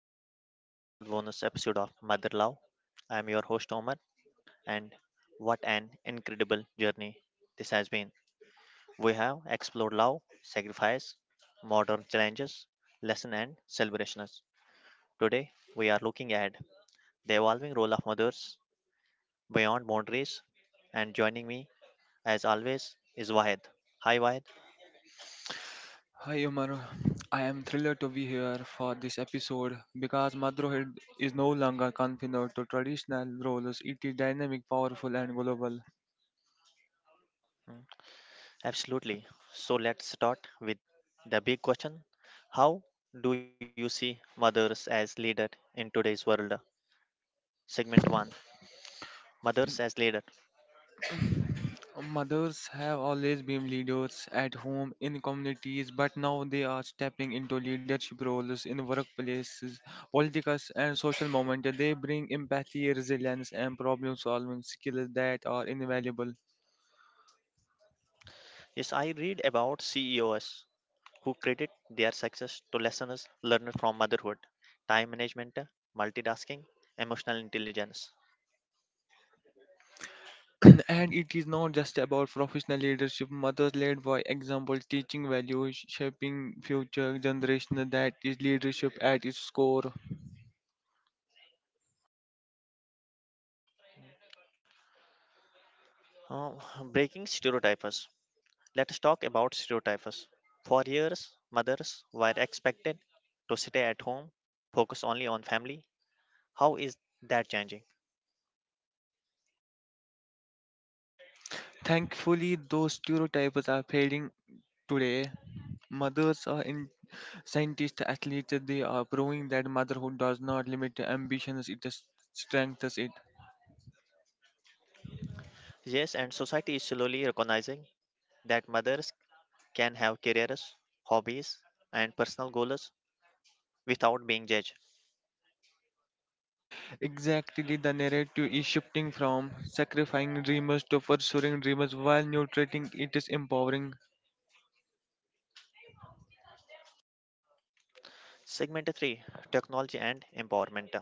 welcome to the final bonus episode of Mother Love. I am your host Omar, and what an incredible journey this has been. We have explored love, sacrifice, modern challenges, lesson and celebrations. Today we are looking at the evolving role of mothers beyond boundaries, and joining me as always is Wahid. Hi Wahid. Hi Omar, I am thrilled to be here for this episode because Madrohid is no longer confined to traditional roles. It is dynamic, powerful, and global. Hmm. Absolutely. So let's start with the big question. How do you see mothers as leader in today's world? Segment 1. Mothers as leader. Mothers have always been leaders at home in communities, but now they are stepping into leadership roles in workplaces, politics, and social moments. They bring empathy, resilience, and problem-solving skills that are invaluable. Yes, I read about CEOs who credit their success to lessons learned from motherhood, time management, multitasking, emotional intelligence. And it is not just about professional leadership. Mothers led by example, teaching values, shaping future generations. That is leadership at its core. Uh, Breaking stereotypes. Let's talk about stereotypes. For years, mothers were expected to stay at home, focus only on family. How is that changing? Thankfully those stereotypes are fading. Today mothers are in scientists, athletes. They are proving that motherhood does not limit ambitions, it just strengthens it. Yes, and society is slowly recognizing that mothers can have careers, hobbies, and personal goals without being judged. Exactly, the narrative is shifting from sacrificing dreamers to pursuing dreamers while nutriting. It is empowering. Segment 3. Technology and Empowerment.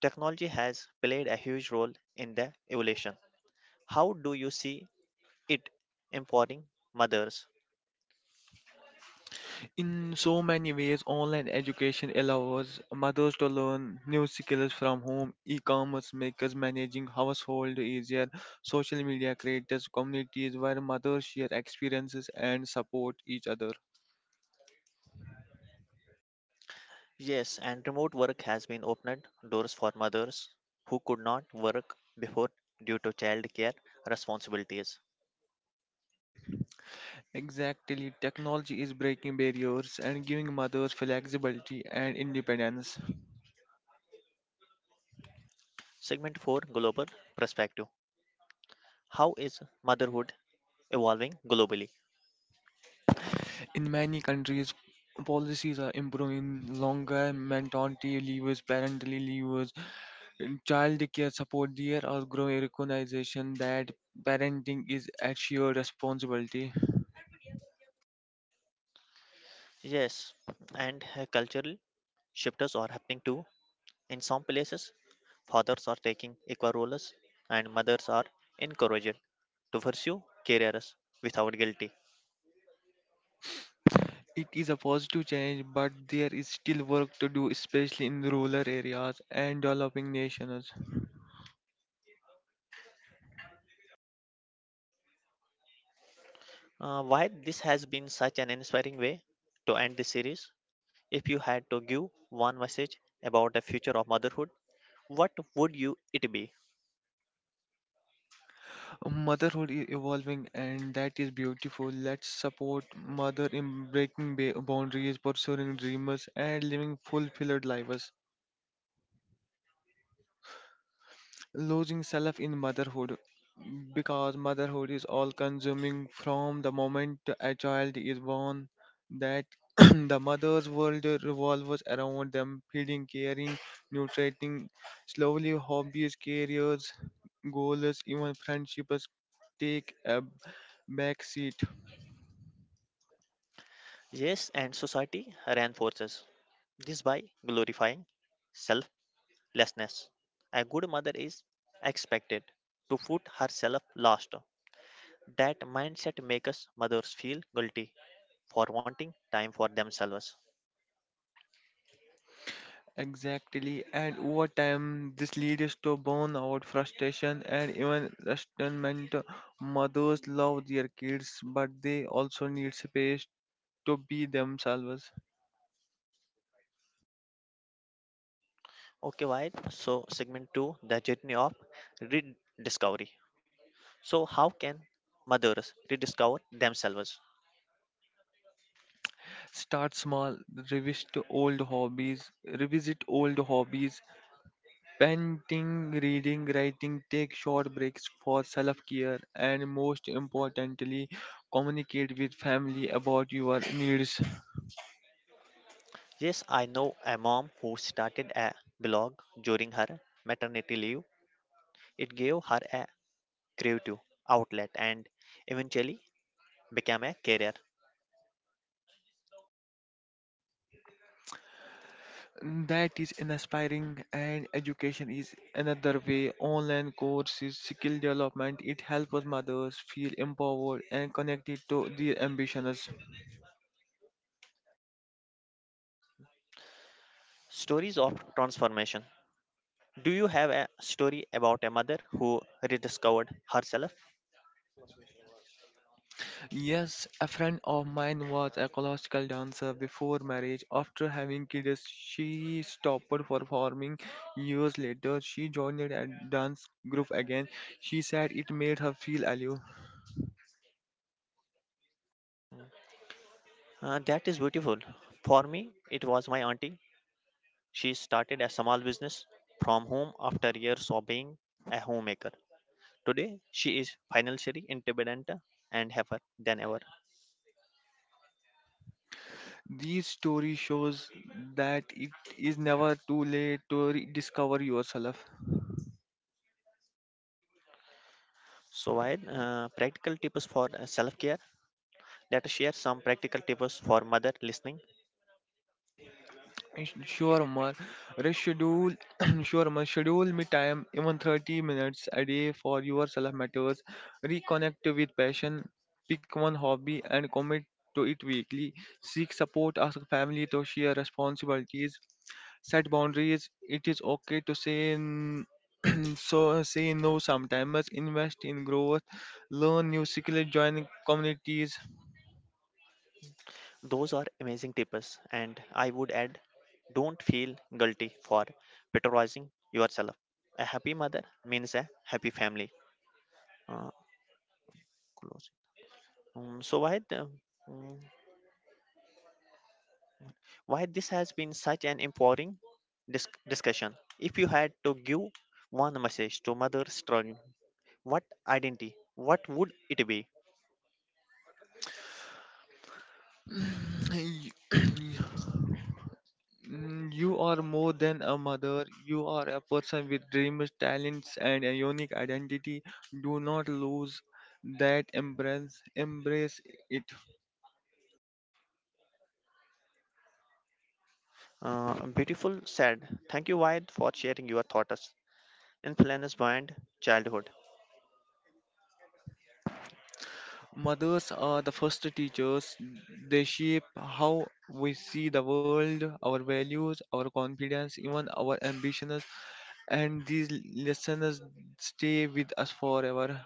Technology has played a huge role in the evolution. How do you see it empowering mothers? In so many ways, online education allows mothers to learn new skills from home, e commerce makers managing household easier, social media creators, communities where mothers share experiences and support each other. Yes, and remote work has been opened doors for mothers who could not work before due to childcare responsibilities. Exactly, technology is breaking barriers and giving mothers flexibility and independence. Segment 4. Global Perspective. How is motherhood evolving globally? In many countries, policies are improving longer maternity leaves, parental leaves, in childcare support. There are growing recognition that parenting is a shared responsibility. Yes, and cultural shifts are happening too. In some places, fathers are taking equal roles and mothers are encouraged to pursue careers without guilty. It is a positive change, but there is still work to do, especially in rural areas and developing nations. Why this has been such an inspiring way to end this series? If you had to give one message about the future of motherhood, what would you it be? Motherhood is evolving, and that is beautiful. Let's support mother in breaking boundaries, pursuing dreams, and living fulfilled lives. Losing self in motherhood, because motherhood is all consuming. From the moment a child is born, that the mother's world revolves around them, feeding, caring, nutriting. Slowly hobbies, careers, goals, even friendships take a back seat. Yes, and society reinforces this by glorifying self lessness. A good mother is expected to put herself last. That mindset makes us mothers feel guilty for wanting time for themselves. Exactly, and over time, this leads to burnout, frustration, and even resentment. Mothers love their kids, but they also need space to be themselves. Okay, why? So, segment 2, the journey of rediscovery. So, how can mothers rediscover themselves? Start small, revisit old hobbies, painting, reading, writing. Take short breaks for self-care, and most importantly, communicate with family about your needs. Yes, I know a mom who started a blog during her maternity leave. It gave her a creative outlet and eventually became a career. That is inspiring, and education is another way. Online courses, skill development, it helps mothers feel empowered and connected to their ambitions. Stories of transformation. Do you have a story about a mother who rediscovered herself? Yes, a friend of mine was a classical dancer before marriage. After having kids, she stopped performing. Years later, she joined a dance group again. She said it made her feel alive. That is beautiful. For me, it was my auntie. She started a small business from home after years of being a homemaker. Today, she is financially independent and happier than ever. These story shows that it is never too late to rediscover yourself. So, while practical tips for self care, let us share some practical tips for mother listening. Sure, Umar. Reschedule, sure, Umar. Schedule me time, even 30 minutes a day for yourself matters. Reconnect with passion. Pick one hobby and commit to it weekly. Seek support, ask family to share responsibilities. Set boundaries. It is okay to say n- so say no sometimes. Invest in growth. Learn new skills. Join communities. Those are amazing tips, and I would add, don't feel guilty for patronizing yourself. A happy mother means a happy family. Uh, close. Um, so, why, the, um, why this has been such an empowering discussion? If you had to give one message to mother struggling, what identity, what would it be? You are more than a mother. You are a person with dreams, talents, and a unique identity. Do not lose that embrace. Embrace it. Beautiful said. Thank you, Wyatt, for sharing your thoughts. Influence beyond childhood. Mothers are the first teachers. They shape how we see the world, our values, our confidence, even our ambitions. And these lessons stay with us forever.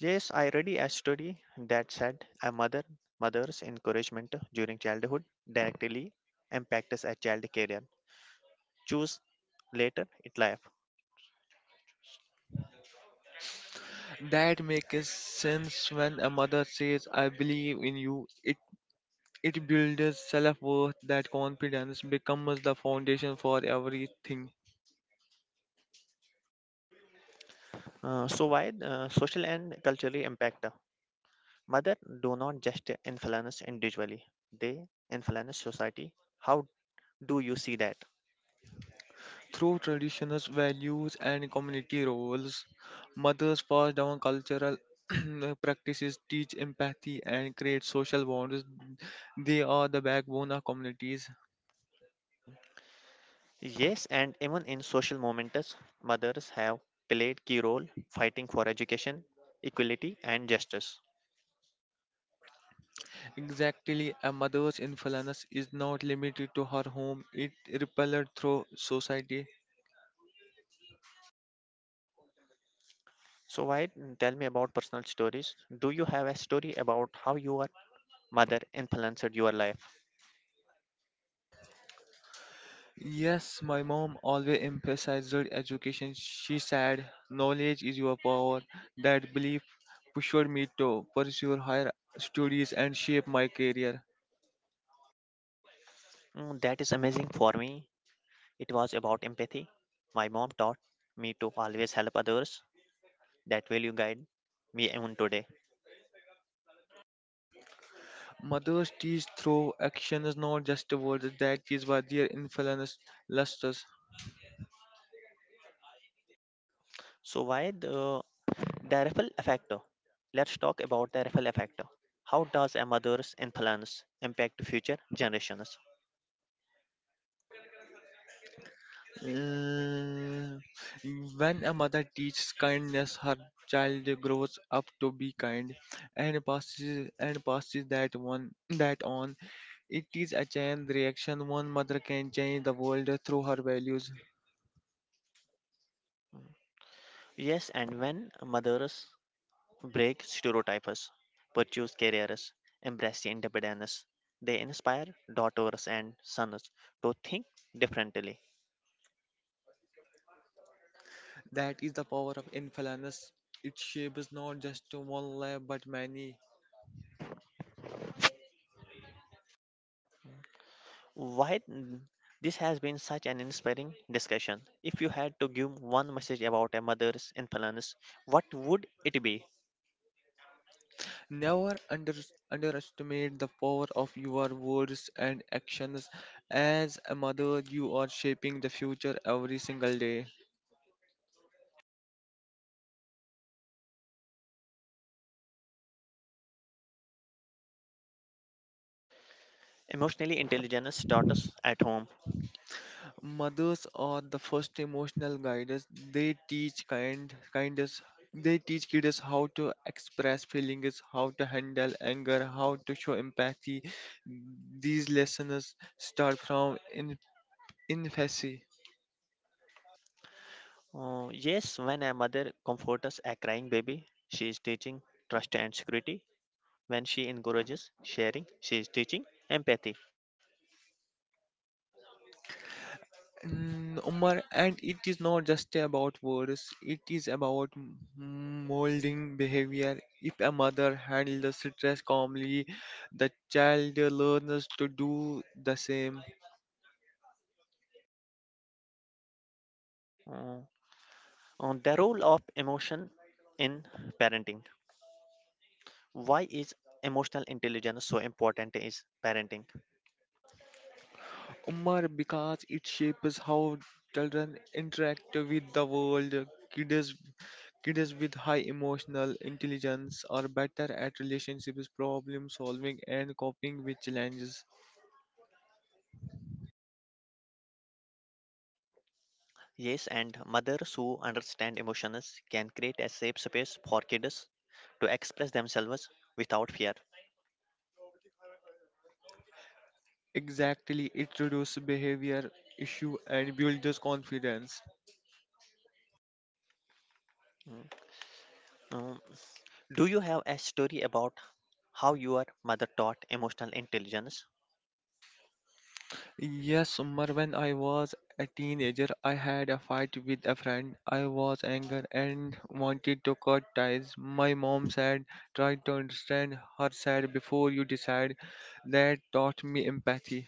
Yes, I read a study that said a mother's encouragement during childhood directly impacts a child's career. Choose later in life. That makes sense. When a mother says, I believe in you, it builds self worth. That confidence becomes the foundation for everything. So why Social and cultural impact? Mother do not just influence individually; they influence society. How do you see that? Through traditional values and community roles, mothers pass down cultural practices, teach empathy, and create social bonds. They are the backbone of communities. Mm. Yes, and even in social moments, mothers have played key role fighting for education, equality, and justice. Exactly, a mother's influence is not limited to her home, it repelled through society. So why tell me about personal stories? Do you have a story about how your mother influenced your life? Yes, my mom always emphasized education. She said, Knowledge is your power. That belief pushed me to pursue higher studies and shape my career. Mm, that is amazing. For me, it was about empathy. My mom taught me to always help others. That will you guide me even today. Mothers teach through actions, not just words. That is why their influence lusters. So why the ripple effect? Let's talk about the ripple effect. How does a mother's influence impact future generations? Mm, When a mother teaches kindness, her child grows up to be kind and passes that one that on. It is a chain reaction. One mother can change the world through her values. Mm. Yes, and when mothers break stereotypes, pursue careers, embrace independence. They inspire daughters and sons to think differently. That is the power of influence. It shapes not just one life but many. Why mm, this has been such an inspiring discussion. If you had to give one message about a mother's influence, what would it be? Never underestimate the power of your words and actions. As a mother, you are shaping the future every single day. Emotionally intelligent daughters at home. Mothers are the first emotional guiders. They teach kindness. They teach kids how to express feelings, how to handle anger, how to show empathy. These lessons start from in infancy. Yes, when a mother comforts a crying baby, she is teaching trust and security. When she encourages sharing, she is teaching empathy. Umar, and it is not just about words, it is about molding behavior. If a mother handles stress calmly, the child learns to do the same. Uh, on the role of emotion in parenting. Why is emotional intelligence so important in parenting? Umar, because it shapes how children interact with the world. Kids, kids with high emotional intelligence are better at relationships, problem solving, and coping with challenges. Yes, and mothers who understand emotions can create a safe space for kids to express themselves without fear. Exactly, it reduces behavior issue and builds confidence. Mm, mm. Do you have a story about how your mother taught emotional intelligence? Yes, Umar, when I was a teenager, I had a fight with a friend. I was angry and wanted to cut ties. My mom said, try to understand her side before you decide. That taught me empathy.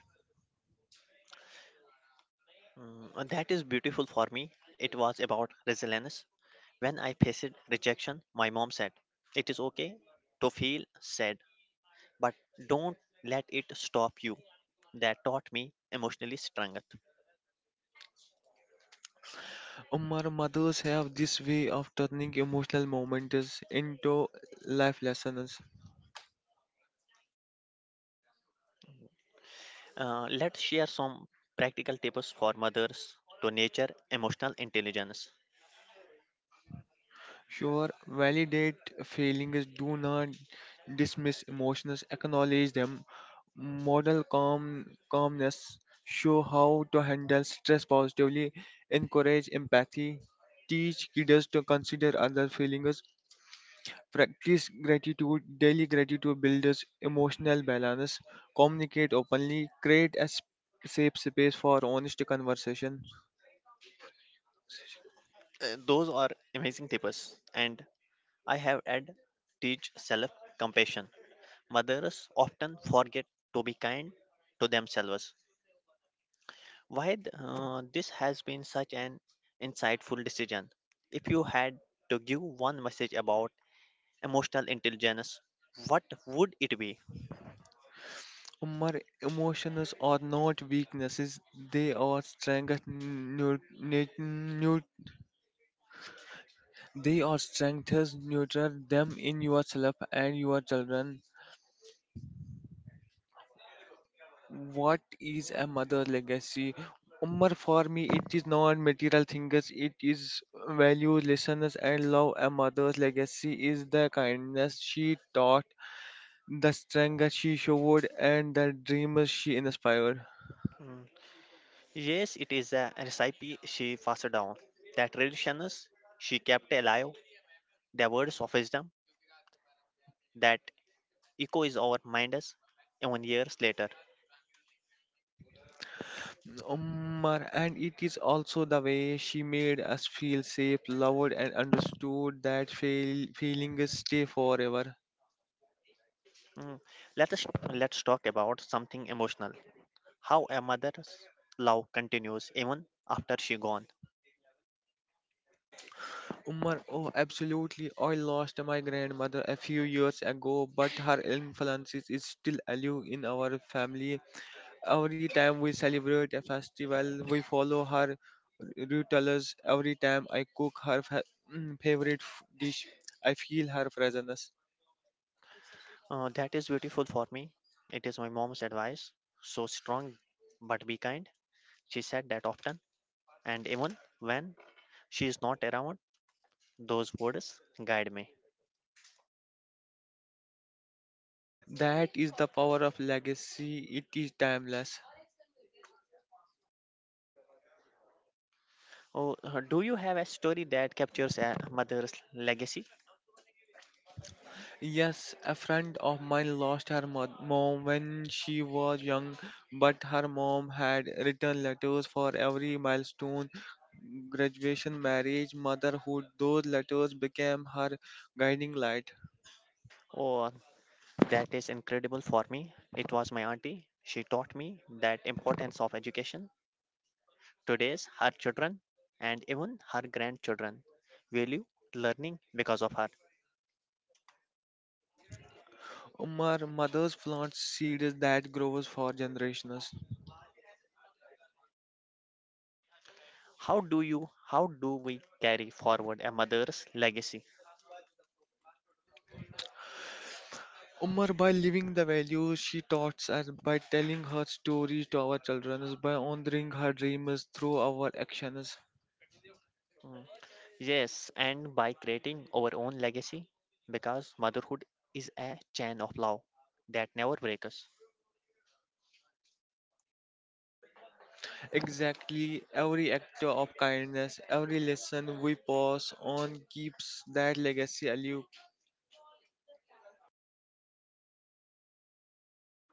Mm, that is beautiful. For me, it was about resilience. When I faced rejection, my mom said, it is okay to feel sad but don't let it stop you. That taught me emotionally strength. Umar, mothers have this way of turning emotional moments into life lessons. Let's share some practical tips for mothers to nature emotional intelligence. Sure, validate feelings, do not dismiss emotions, acknowledge them. Calmness, show how to handle stress positively, encourage empathy, teach kids to consider other feelings, practice gratitude, daily gratitude builds emotional balance, communicate openly, create a safe space for honest conversation. Those are amazing tips, and I have had teach self compassion. Mothers often forget to be kind to themselves. This has been such an insightful decision? If you had to give one message about emotional intelligence, what would it be? Umar, emotions are not weaknesses, they are strengths nurtured they are strengths, nurture them in yourself and your children. What is a mother legacy? Umar, for me it is not material things, it is value, lessons and love. A mother's legacy is the kindness she taught, the strength she showed and the dreams she inspired. Mm. Yes, it is a recipe she passed down. The traditions she kept alive, the words of wisdom that echo is our minds even years later. Umar, and it is also the way she made us feel safe, loved and understood. That feelings stay forever. Mm. Let us let's talk about something emotional. How a mother's love continues even after she gone. Umar, oh, absolutely. I lost my grandmother a few years ago, but her influence is still alive in our family. Every time we celebrate a festival, we follow her rituals. Every time I cook her favorite dish, I feel her presence. Mm. That is beautiful. For me, it is my mom's advice. So strong, but be kind. She said that often, and even when she is not around, those words guide me. That is the power of legacy. It is timeless. Oh, do you have a story that captures a mother's legacy? Yes, a friend of mine lost her mom when she was young, but her mom had written letters for every milestone, graduation, marriage, motherhood. Those letters became her guiding light. Oh, that is incredible. For me, it was my auntie. She taught me that importance of education. Today's her children and even her grandchildren value learning because of her. Umar, mother's plant seeds that grows for generations. How do we carry forward a mother's legacy? Umar, by living the values she taught us, by telling her stories to our children, by honoring her dreams through our actions. Mm. Yes, and by creating our own legacy because motherhood is a chain of love that never breaks. Exactly, every act of kindness, every lesson we pass on keeps that legacy alive.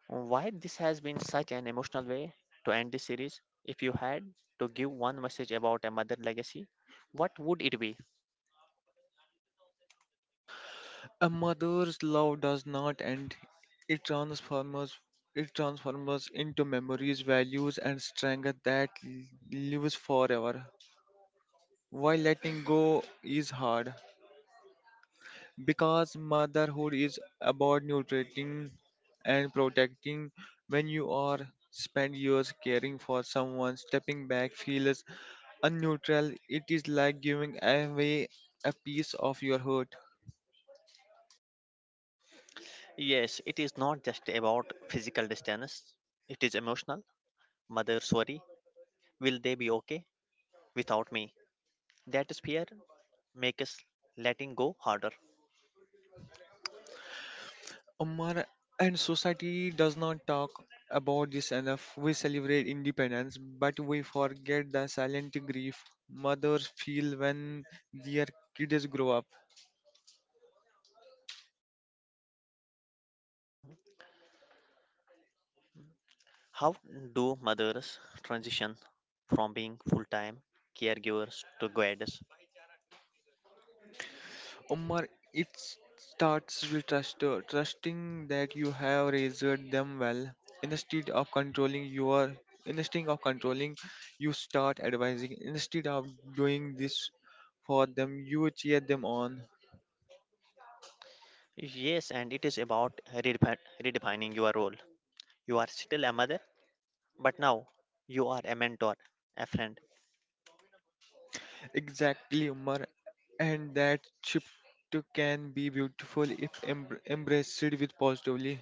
Why this has been such an emotional way to end this series? If you had to give one message about a mother legacy, what would it be? A mother's love does not end; it transforms it transforms into memories, values, and strength that lives forever. While letting go is hard, because motherhood is about nutriting and protecting. When you are spend years caring for someone, stepping back feels unneutral. It is like giving away a piece of your heart. Yes, it is not just about physical distance, it is emotional. Mother, sorry, will they be okay without me? That fear makes us letting go harder. Umar, and society does not talk about this enough. We celebrate independence, but we forget the silent grief mothers feel when their kids grow up. How do mothers transition from being full time caregivers to guides? Umar, it starts with trust, trusting that you have raised them well. Instead of controlling your, instead of controlling, you start advising. Instead of doing this for them, you cheer them on. Yes, and it is about redefining your role. You are still a mother, but now you are a mentor, a friend. Exactly, Umar, and that shift can be beautiful if embraced with positively.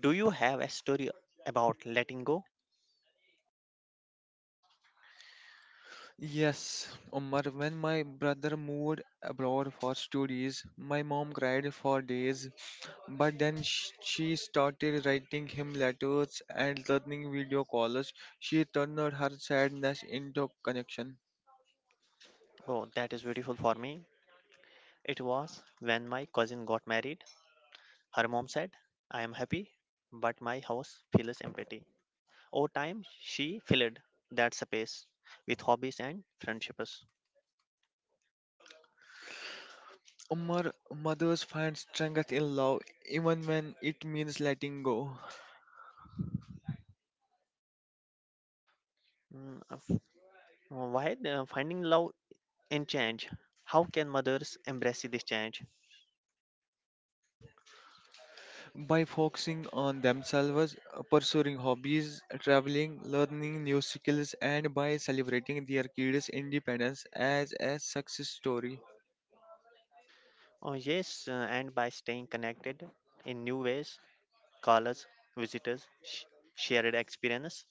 Do you have a story about letting go? Yes, Umar, when my brother moved abroad for studies, my mom cried for days, but then she started writing him letters and learning video calls. She turned her sadness into connection. Oh, that is beautiful. For me, it was when my cousin got married. Her mom said, I am happy, but my house feels empty. Over time, she filled that space with hobbies and friendships. Umar, mothers find strength in love even when it means letting go. Mm, f- Why the finding love in change? How can mothers embrace this change? By focusing on themselves, pursuing hobbies, traveling, learning new skills, and by celebrating their kids' independence as a success story. Oh, yes, and by staying connected in new ways, scholars, visitors, shared experience.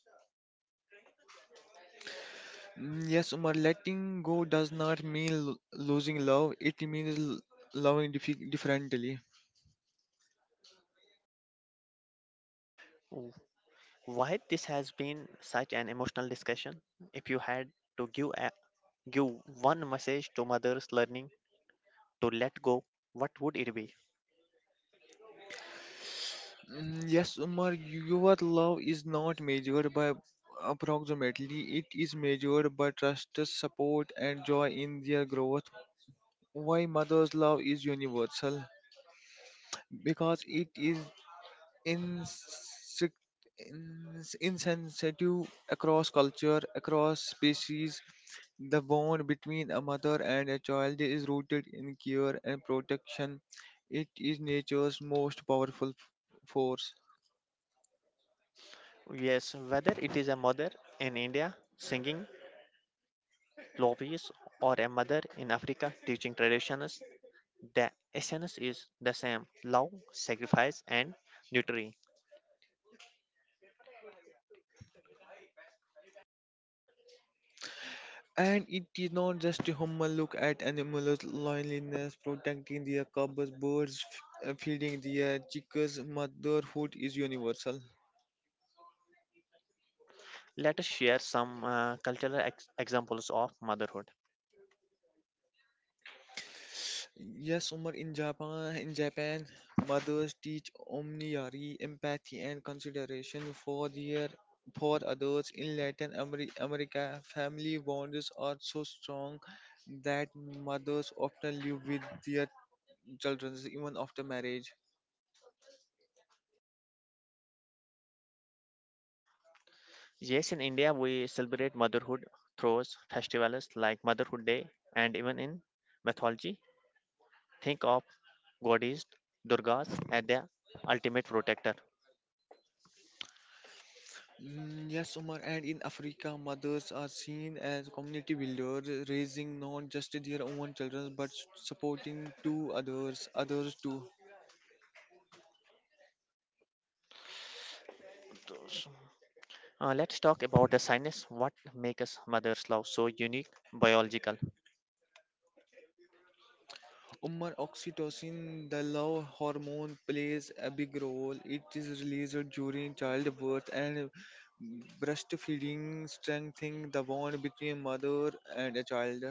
Yes, Umar, letting go does not mean losing love, it means loving differently. W- Why this has been such an emotional discussion? If you had to give give one message to mothers learning to let go, what would it be? Yes, Umar, your love is not measured by approximately, it is measured by trust, support, and joy in their growth. Why mother's love is universal? Because it is insect, insensitive across culture, across species. The bond between a mother and a child is rooted in care and protection. It is nature's most powerful force. Yes, whether it is a mother in India singing lobbies or a mother in Africa teaching traditions, the essence is the same: love, sacrifice, and nurturing. And it is not just a human look at animals' loneliness, protecting their cubs, birds, feeding their chicks. Motherhood is universal. Let us share some cultural examples of motherhood. Yes, Umar, in Japan, mothers teach omniary empathy and consideration for their for others. In Latin America, family bonds are so strong that mothers often live with their children even after marriage. Yes, in India, we celebrate motherhood through festivals like Motherhood Day, and even in mythology, think of goddess Durgas as their ultimate protector. Yes, Umar, and in Africa, mothers are seen as community builders, raising not just their own children but supporting two others, others too. Those— Let's talk about the science. What makes mother's love so unique, biological? Umar, oxytocin, the love hormone, plays a big role. It is released during childbirth and breastfeeding, strengthening the bond between mother and a child.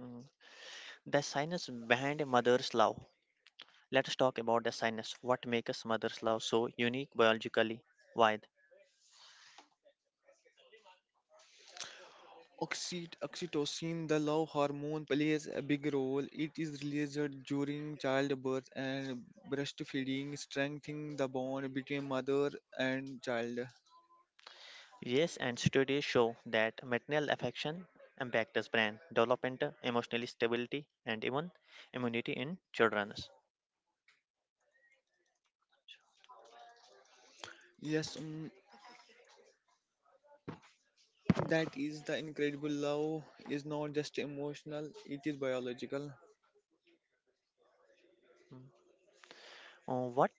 Mm. The science behind mother's love. Let's talk about the science. What makes mother's love so unique biologically? Why? Oxytocin, the love hormone, plays a big role. It is released during childbirth and breastfeeding, strengthening the bond between mother and child. Yes, and studies show that maternal affection impacts brain development, emotional stability, and even immunity in children. Yes, that is the incredible love is not just emotional; it is biological. Uh, What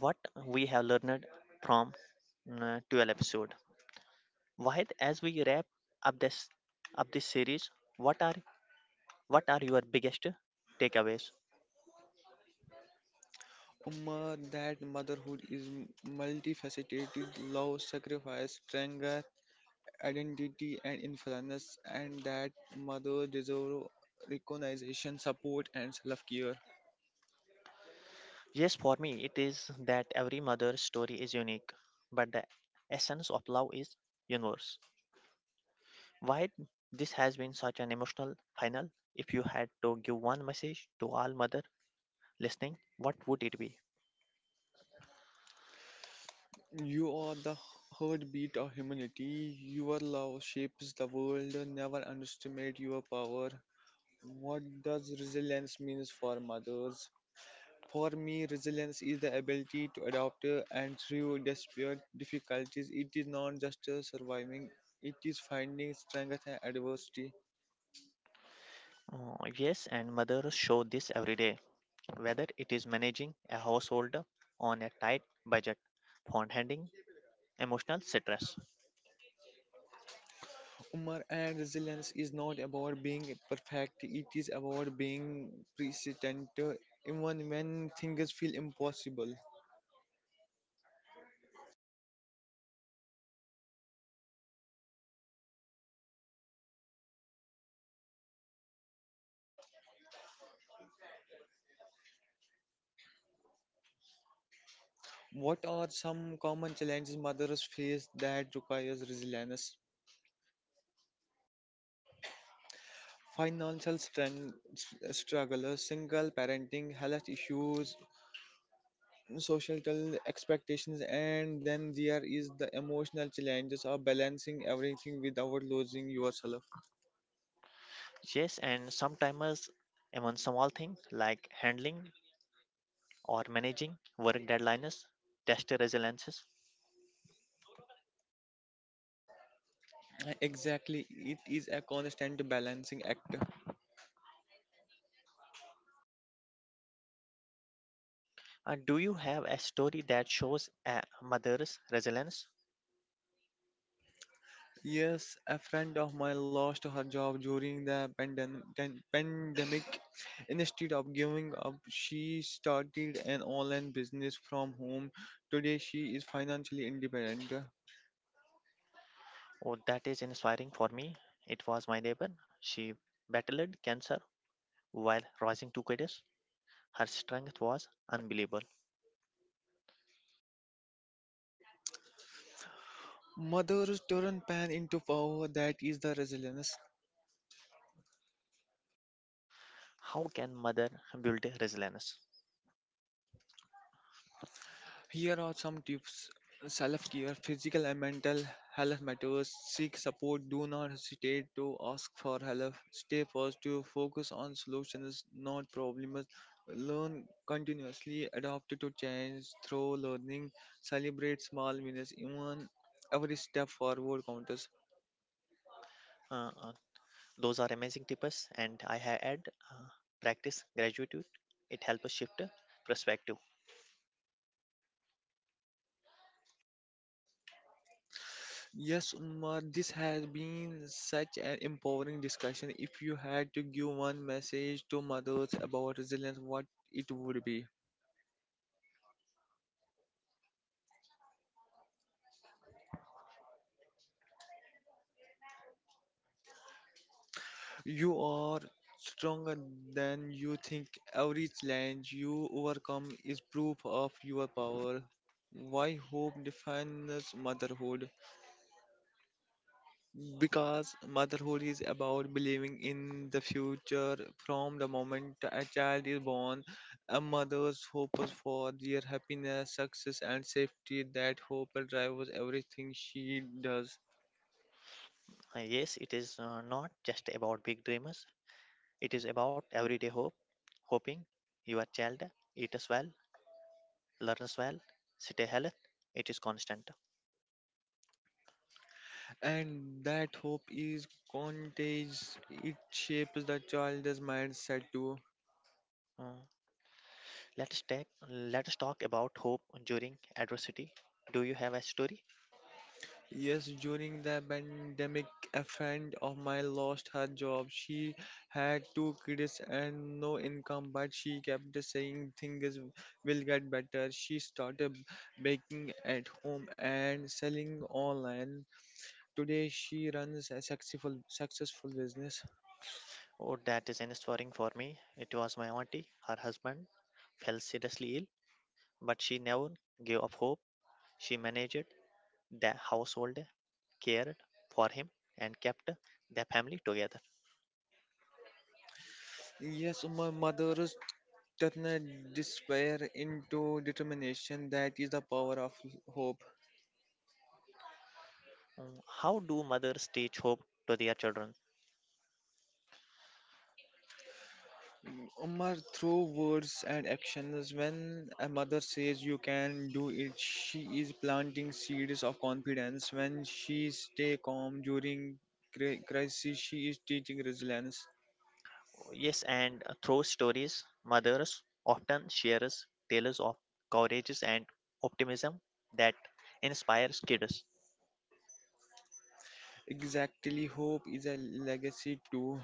what we have learned from 12 episode. Wahid, as we wrap up this up this series, what are what are your biggest takeaways? Umma, that motherhood is multifaceted, love, sacrifice, strength, identity, and influence, and that mother deserve recognition, support, and self care. Yes, for me it is that every mother's story is unique, but the essence of love is universal. Why this has been such an emotional final? If you had to give one message to all mother listening, what would it be? You are the heartbeat of humanity. Your love shapes the world. Never underestimate your power. What does resilience means for mothers? For me, resilience is the ability to adapt and through desperate difficulties. It is not just surviving, it is finding strength and adversity. Yes, and mothers show this every day, whether it is managing a household on a tight budget, fund handling emotional stress. Humor and resilience is not about being perfect, it is about being persistent, even when things feel impossible. What are some common challenges mothers face that requires resilience? Financial strength, struggle, single parenting, health issues, social expectations. And then there is the emotional challenges of balancing everything without losing yourself. Yes, and sometimes even small things like handling or managing work deadlines test resiliences. Exactly, it is a constant balancing act. Do you have a story that shows a mother's resilience? Yes, a friend of mine lost her job during the pandemic. Instead of giving up she started an online business from home. Today she is financially independent. Oh, that is inspiring. For me, it was my neighbor. She battled cancer while raising two kids. Her strength was unbelievable. Mothers turn pain into power, that is the resilience. How can mother build resilience? Here are some tips. Self care, physical and mental health matters. Seek support, do not hesitate to ask for help. Stay positive, focus on solutions, not problems. Learn continuously, adapt to change through learning, celebrate small wins, even every step forward counts. Uh, uh, those are amazing tips, and I have had uh, practice gratitude. It helps shift perspective. Yes, Umar, this has been such an empowering discussion. If you had to give one message to mothers about resilience, what it would be? You are stronger than you think. Every challenge you overcome is proof of your power. Why hope defines motherhood? Because motherhood is about believing in the future. From the moment a child is born, a mother's hope is for their happiness, success, and safety. That hope drives everything she does. Yes, it is not just about big dreamers. It is about everyday hope, hoping your child eats well, learns well, stay healthy. It is constant. And that hope is contagious. It shapes the child's mindset too. Uh, Let's take, let's talk about hope during adversity. Do you have a story? Yes, during the pandemic, a friend of mine lost her job. She had two kids and no income, but she kept saying things will get better. She started baking at home and selling online. Today, she runs a successful business. Oh, that is inspiring. For me, it was my auntie. Her husband fell seriously ill, but she never gave up hope. She managed the household, cared for him, and kept the family together. Yes, my mother turn a despair into determination, that is the power of hope. Mm. How do mothers teach hope to their children? Umar, through words and actions. When a mother says you can do it, she is planting seeds of confidence. When she stay calm during crisis, she is teaching resilience. Yes, and through stories, mothers often share tales of courage and optimism that inspires kids. Exactly, hope is a legacy too.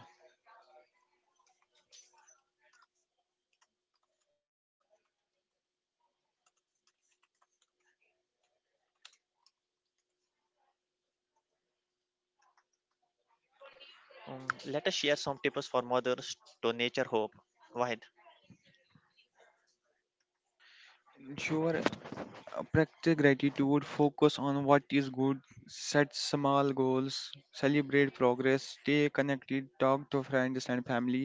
Let us share some tips for mothers to nature hope. Wahid, Sure. Practice gratitude, focus on what is good, set small goals, celebrate progress, stay connected, talk to friends and family,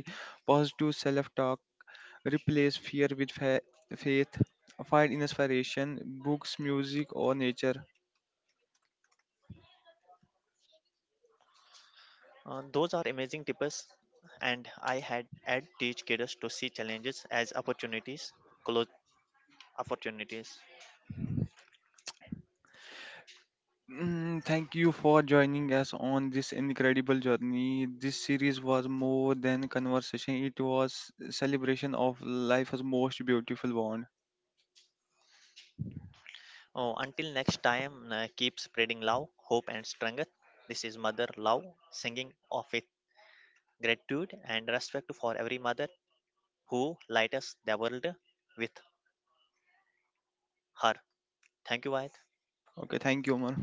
positive self talk, replace fear with faith, find inspiration, books, music, or nature. those are amazing tips, and I had had teach kids to see challenges as opportunities, close opportunities. Thank you for joining us on this incredible journey. This series was more than conversation, it was celebration of life's most beautiful bond. Oh, until next time, keep spreading love, hope, and strength. This is Mother Love singing of with gratitude and respect for every mother who light us the world with her. Thank you, Wahid. Okay, thank you, Omar.